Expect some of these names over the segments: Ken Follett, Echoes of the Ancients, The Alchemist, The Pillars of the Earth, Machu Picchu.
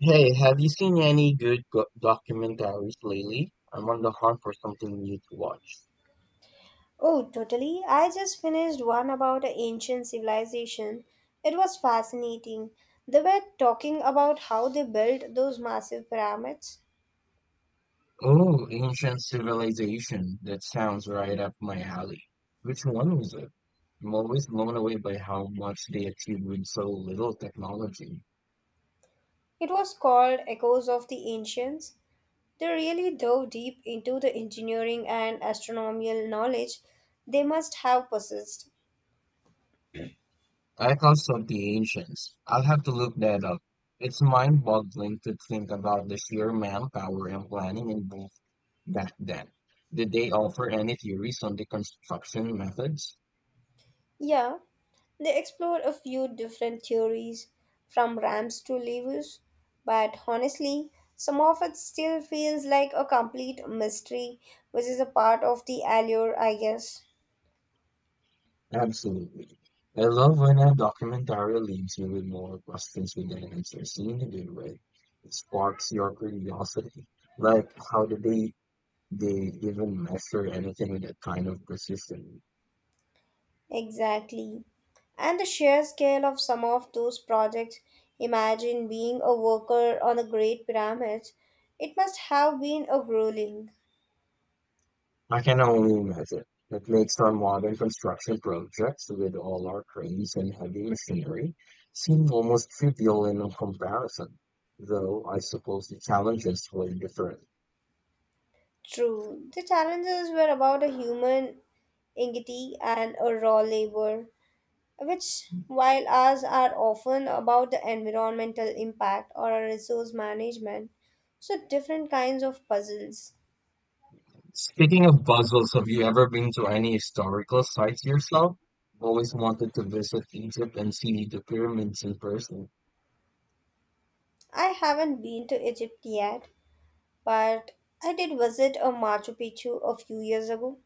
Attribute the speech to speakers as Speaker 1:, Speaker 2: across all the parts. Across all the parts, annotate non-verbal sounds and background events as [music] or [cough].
Speaker 1: Hey, have you seen any good go documentaries lately? I'm on the hunt for something new to watch.
Speaker 2: Oh, totally. I just finished one about an ancient civilization. It was fascinating. They were talking about how they built those massive pyramids.
Speaker 1: Oh, Ancient Civilization. That sounds right up my alley. Which one was it? I'm always blown away by how much they achieved with so little technology.
Speaker 2: It was called Echoes of the Ancients. They really dove deep into the engineering and astronomical knowledge they must have possessed.
Speaker 1: Echoes of the Ancients. I'll have to look that up. It's mind-boggling to think about the sheer manpower and planning involved back then. Did they offer any theories on the construction methods?
Speaker 2: Yeah, they explored a few different theories from ramps to levers, but honestly, some of it still feels like a complete mystery, which is a part of the allure, I guess.
Speaker 1: Absolutely. I love when a documentary leaves you with more questions than answers in a good way. It sparks your curiosity. Like, how did they even measure anything with that kind of precision?
Speaker 2: Exactly. And the sheer scale of some of those projects. Imagine being a worker on the Great Pyramid. It must have been a grueling.
Speaker 1: I can only imagine. It makes our modern construction projects with all our cranes and heavy machinery seem almost trivial in comparison. Though I suppose the challenges were different.
Speaker 2: True, the challenges were about a human ingenuity and a raw labor, which, while ours are often about the environmental impact or a resource management, so different kinds of puzzles.
Speaker 1: Speaking of puzzles, have you ever been to any historical sites yourself? I've always wanted to visit Egypt and see the pyramids in person.
Speaker 2: I haven't been to Egypt yet, but I did visit a Machu Picchu a few years ago.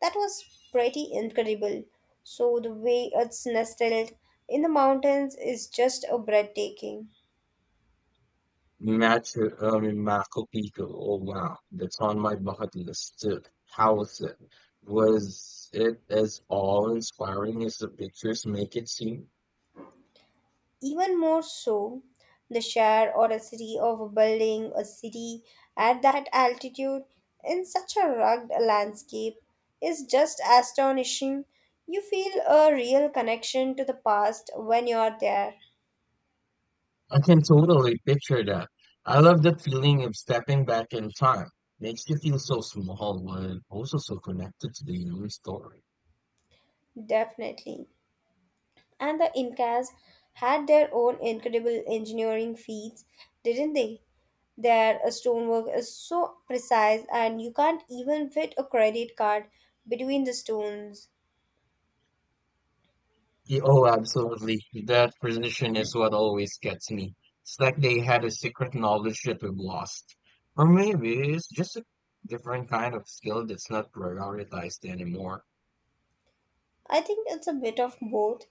Speaker 2: That was pretty incredible. So the way it's nestled in the mountains is just a breathtaking.
Speaker 1: Machu Picchu. Oh wow, that's on my bucket list too. How was it? Was it as awe-inspiring as the pictures make it seem?
Speaker 2: Even more so, the share or a city of a building, a city at that altitude in such a rugged landscape is just astonishing. You feel a real connection to the past when you're there,
Speaker 1: I can totally picture that. I love the feeling of stepping back in time. Makes you feel so small, but also so connected to the human story.
Speaker 2: definitely. And the Incas had their own incredible engineering feats, didn't they? Their stonework is so precise, and you can't even fit a credit card between the stones.
Speaker 1: Oh, absolutely. That precision is what always gets me. It's like they had a secret knowledge that we've lost. Or maybe it's just a different kind of skill that's not prioritized anymore.
Speaker 2: I think it's a bit of both.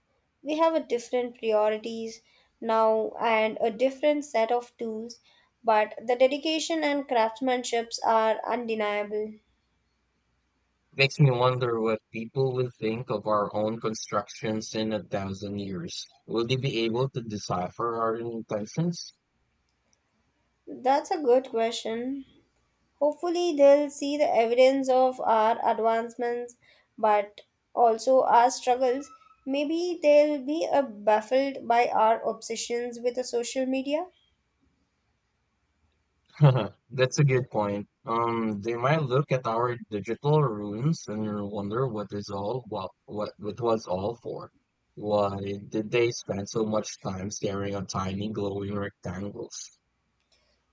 Speaker 2: We have a different priorities now and a different set of tools, but the dedication and craftsmanships are undeniable.
Speaker 1: Makes me wonder what people will think of our own constructions in a thousand years. Will they be able to decipher our intentions?
Speaker 2: That's a good question. Hopefully, they'll see the evidence of our advancements, but also our struggles. Maybe they'll be baffled by our obsessions with the social media.
Speaker 1: [laughs] That's a good point. They might look at our digital runes and wonder what is all what it was all for. Why did they spend so much time staring at tiny glowing rectangles?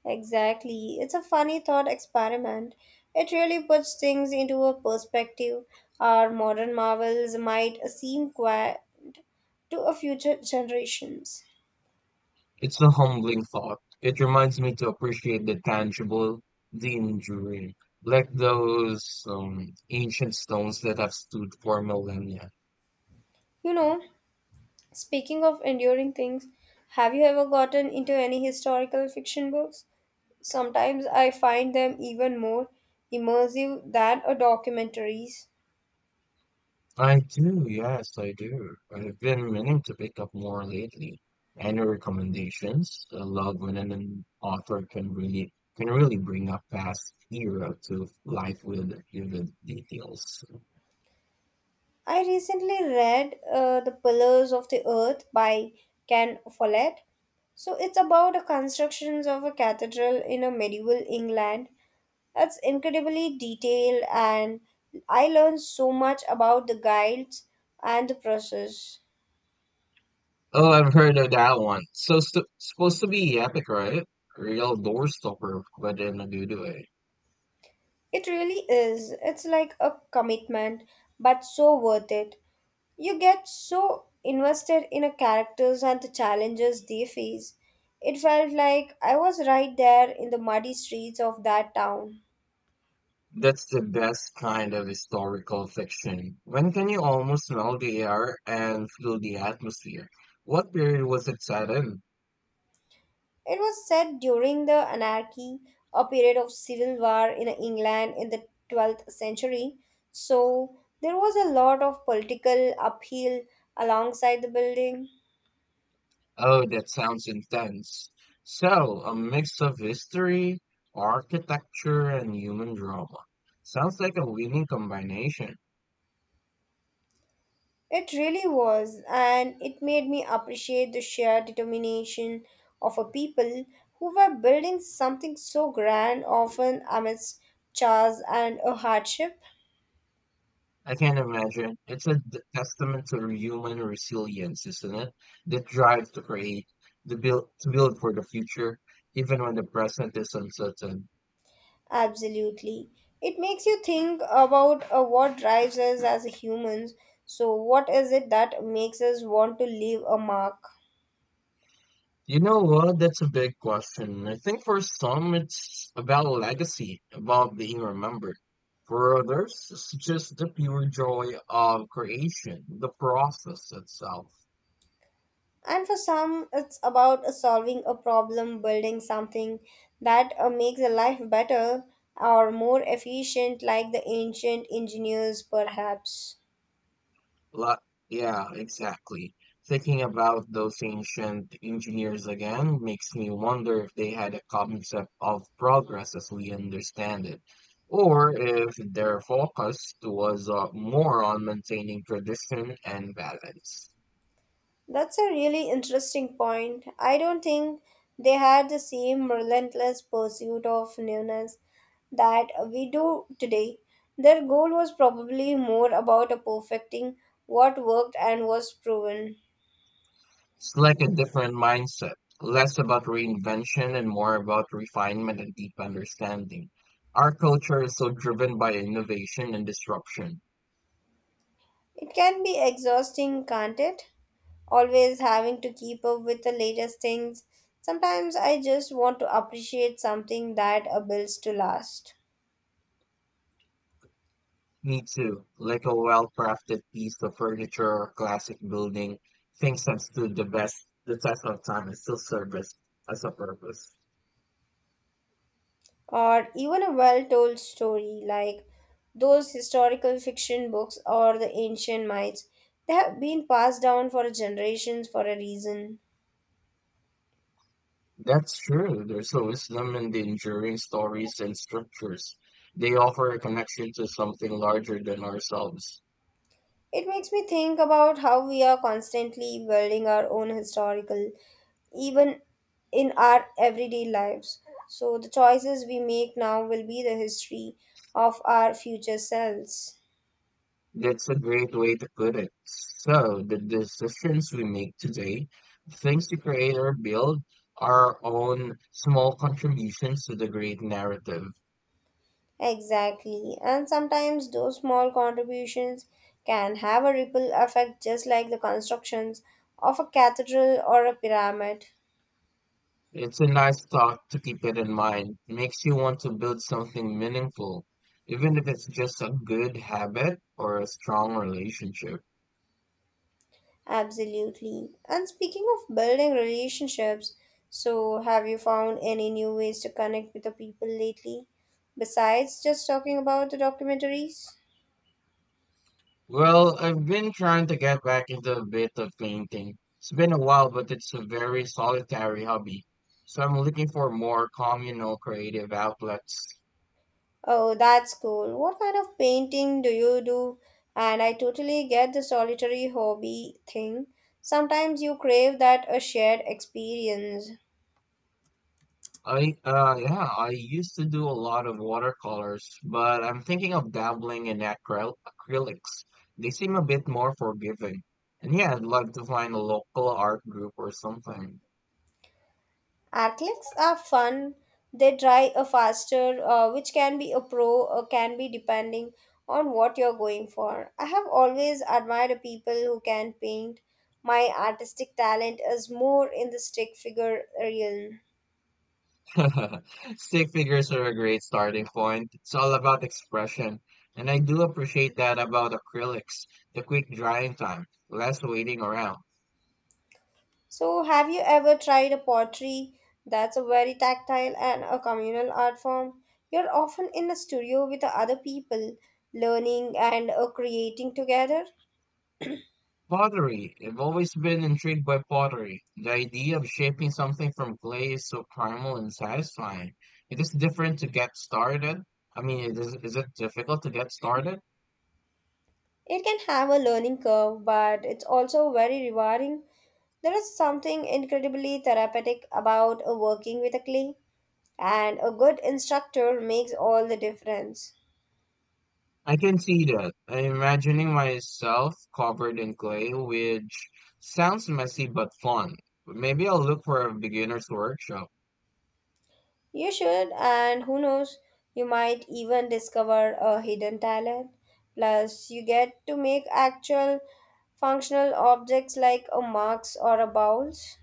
Speaker 2: Exactly. It's a funny thought experiment. It really puts things into a perspective. Our modern marvels might seem quaint to a future generations.
Speaker 1: It's a humbling thought. It reminds me to appreciate the tangible, the enduring, like those ancient stones that have stood for millennia.
Speaker 2: You know, speaking of enduring things, have you ever gotten into any historical fiction books? Sometimes I find them even more immersive than a documentaries.
Speaker 1: I do, yes, I do. I've been meaning to pick up more lately. Any recommendations? I love when an author can really bring a past era to life with vivid details.
Speaker 2: I recently read The Pillars of the Earth by Ken Follett. So it's about the constructions of a cathedral in a medieval England. It's incredibly detailed and I learned so much about the guides and the process.
Speaker 1: Oh, I've heard of that one. So st Supposed to be epic, right? Real doorstopper, but in a good way.
Speaker 2: It really is. It's like a commitment but so worth it. You get so invested in a characters and the challenges they face. It felt like I was right there in the muddy streets of that town.
Speaker 1: That's the best kind of historical fiction. When can you almost smell the air and feel the atmosphere? What period was it set in?
Speaker 2: It was set during the anarchy, a period of civil war in England in the 12th century. So there was a lot of political upheaval alongside the building.
Speaker 1: Oh, that sounds intense. So, a mix of history, architecture, and human drama. Sounds like a winning combination.
Speaker 2: It really was, and it made me appreciate the sheer determination of a people who were building something so grand, often amidst chance and a hardship.
Speaker 1: I can imagine. Testament to human resilience, isn't it? The drive to create, the build, to build for the future, even when the present is uncertain.
Speaker 2: Absolutely. It makes you think about what drives us as humans. So, what is it that makes us want to leave a mark?
Speaker 1: You know what? That's a big question. I think for some, it's about legacy, about being remembered. For others, it's just the pure joy of creation, the process itself.
Speaker 2: And for some, it's about solving a problem, building something that makes a life better or more efficient, like the ancient engineers, perhaps.
Speaker 1: La- yeah, exactly. Thinking about those ancient engineers again makes me wonder if they had a concept of progress as we understand it, or if their focus was more on maintaining tradition and balance.
Speaker 2: That's a really interesting point. I don't think they had the same relentless pursuit of newness that we do today. Their goal was probably more about perfecting what worked and was proven.
Speaker 1: It's like a different mindset, less about reinvention and more about refinement and deep understanding. Our culture is so driven by innovation and disruption.
Speaker 2: It can be exhausting, can't it? Always having to keep up with the latest things. Sometimes I just want to appreciate something that builds to last.
Speaker 1: Me too, like a well crafted piece of furniture or classic building, things that stood the test of time and still serves as a purpose.
Speaker 2: Or even a well told story like those historical fiction books or the ancient myths. They have been passed down for generations for a reason.
Speaker 1: That's true. There's a wisdom in the enduring stories and structures. They offer a connection to something larger than ourselves.
Speaker 2: It makes me think about how we are constantly building our own historical, even in our everyday lives. So the choices we make now will be the history of our future selves.
Speaker 1: That's a great way to put it. So, the decisions we make today, the things we create or build, are our own small contributions to the great narrative.
Speaker 2: Exactly. And sometimes those small contributions can have a ripple effect, just like the constructions of a cathedral or a pyramid.
Speaker 1: It's a nice thought to keep it in mind. Makes you want to build something meaningful, even if it's just a good habit or a strong relationship.
Speaker 2: Absolutely. And speaking of building relationships, so have you found any new ways to connect with the people lately? Besides just talking about the documentaries?
Speaker 1: Well, I've been trying to get back into a bit of painting. It's been a while, but it's a very solitary hobby. So I'm looking for more communal creative outlets.
Speaker 2: Oh, that's cool. What kind of painting do you do? And I totally get the solitary hobby thing. Sometimes you crave that a shared experience.
Speaker 1: I used to do a lot of watercolors, but I'm thinking of dabbling in acrylics. They seem a bit more forgiving. And yeah, I'd love to find a local art group or something.
Speaker 2: Athletes are fun. They dry a faster, which can be a pro or can be depending on what you're going for. I have always admired people who can paint. My artistic talent is more in the stick figure realm.
Speaker 1: [laughs] Stick figures are a great starting point. It's all about expression. And I do appreciate that about acrylics, the quick drying time, less waiting around.
Speaker 2: So, have you ever tried a pottery? That's a very tactile and a communal art form. You're often in a studio with the other people, learning and creating together.
Speaker 1: Pottery. I've always been intrigued by pottery. The idea of shaping something from clay is so primal and satisfying. It is different to get started. It is it difficult to get started?
Speaker 2: It can have a learning curve, but it's also very rewarding. There is something incredibly therapeutic about working with a clay, and a good instructor makes all the difference.
Speaker 1: I can see that. I'm imagining myself covered in clay, which sounds messy but fun. Maybe I'll look for a beginner's workshop.
Speaker 2: You should, and who knows, you might even discover a hidden talent. Plus, you get to make actual functional objects like a mugs or a bowls.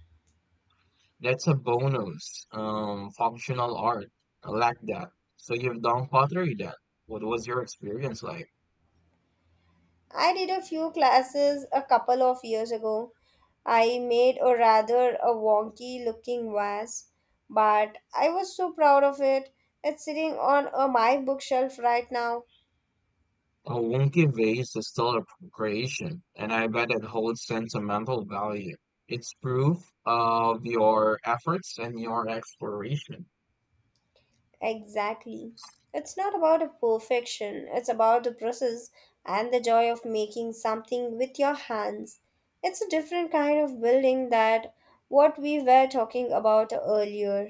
Speaker 1: That's a bonus. Functional art. I like that. So you've done pottery then. What was your experience like?
Speaker 2: I did a few classes a couple of years ago. I made a rather a wonky looking vase, but I was so proud of it. It's sitting on my bookshelf right now.
Speaker 1: A wonky vase is still a creation, and I bet it holds sentimental value. It's proof of your efforts and your exploration.
Speaker 2: Exactly. It's not about a perfection, it's about the process and the joy of making something with your hands. It's a different kind of building that what we were talking about earlier.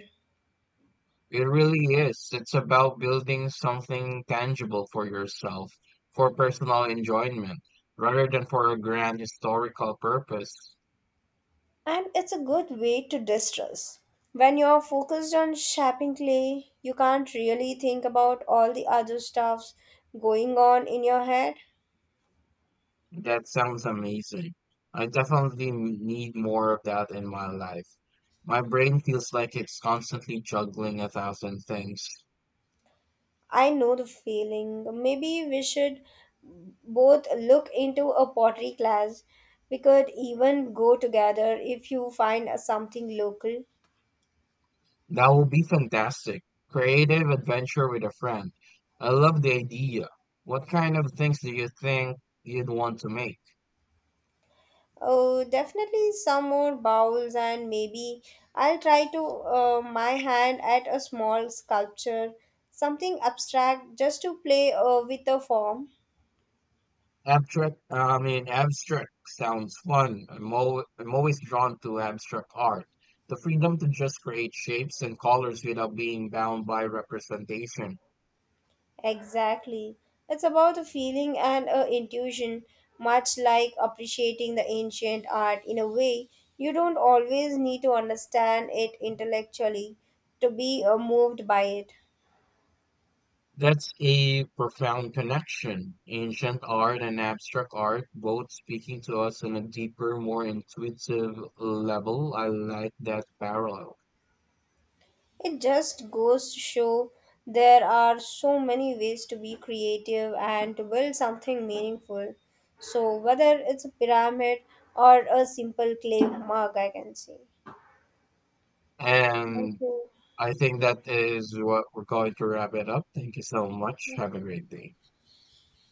Speaker 1: It really is. It's about building something tangible for yourself, for personal enjoyment, rather than for a grand historical purpose.
Speaker 2: And it's a good way to distress. When you're focused on shaping clay, you can't really think about all the other stuffs going on in your head.
Speaker 1: That sounds amazing. I definitely need more of that in my life. My brain feels like it's constantly juggling a thousand things.
Speaker 2: I know the feeling. Maybe we should both look into a pottery class. We could even go together if you find something local.
Speaker 1: That will be fantastic. Creative adventure with a friend. I love the idea. What kind of things do you think you'd want to make?
Speaker 2: Oh, definitely some more bowls, and maybe I'll try to my hand at a small sculpture, something abstract, just to play with the form.
Speaker 1: Abstract sounds fun. I'm always drawn to abstract art. The freedom to just create shapes and colors without being bound by representation.
Speaker 2: Exactly. It's about a feeling and a intuition, much like appreciating the ancient art in a way. You don't always need to understand it intellectually to be moved by it.
Speaker 1: That's a profound connection. Ancient art and abstract art both speaking to us on a deeper, more intuitive level. I like that parallel.
Speaker 2: It just goes to show there are so many ways to be creative and to build something meaningful. So, whether it's a pyramid or a simple clay mug, I can say. Thank
Speaker 1: And
Speaker 2: you.
Speaker 1: I think that is what we're going to wrap it up. Thank you so much. Have a great day.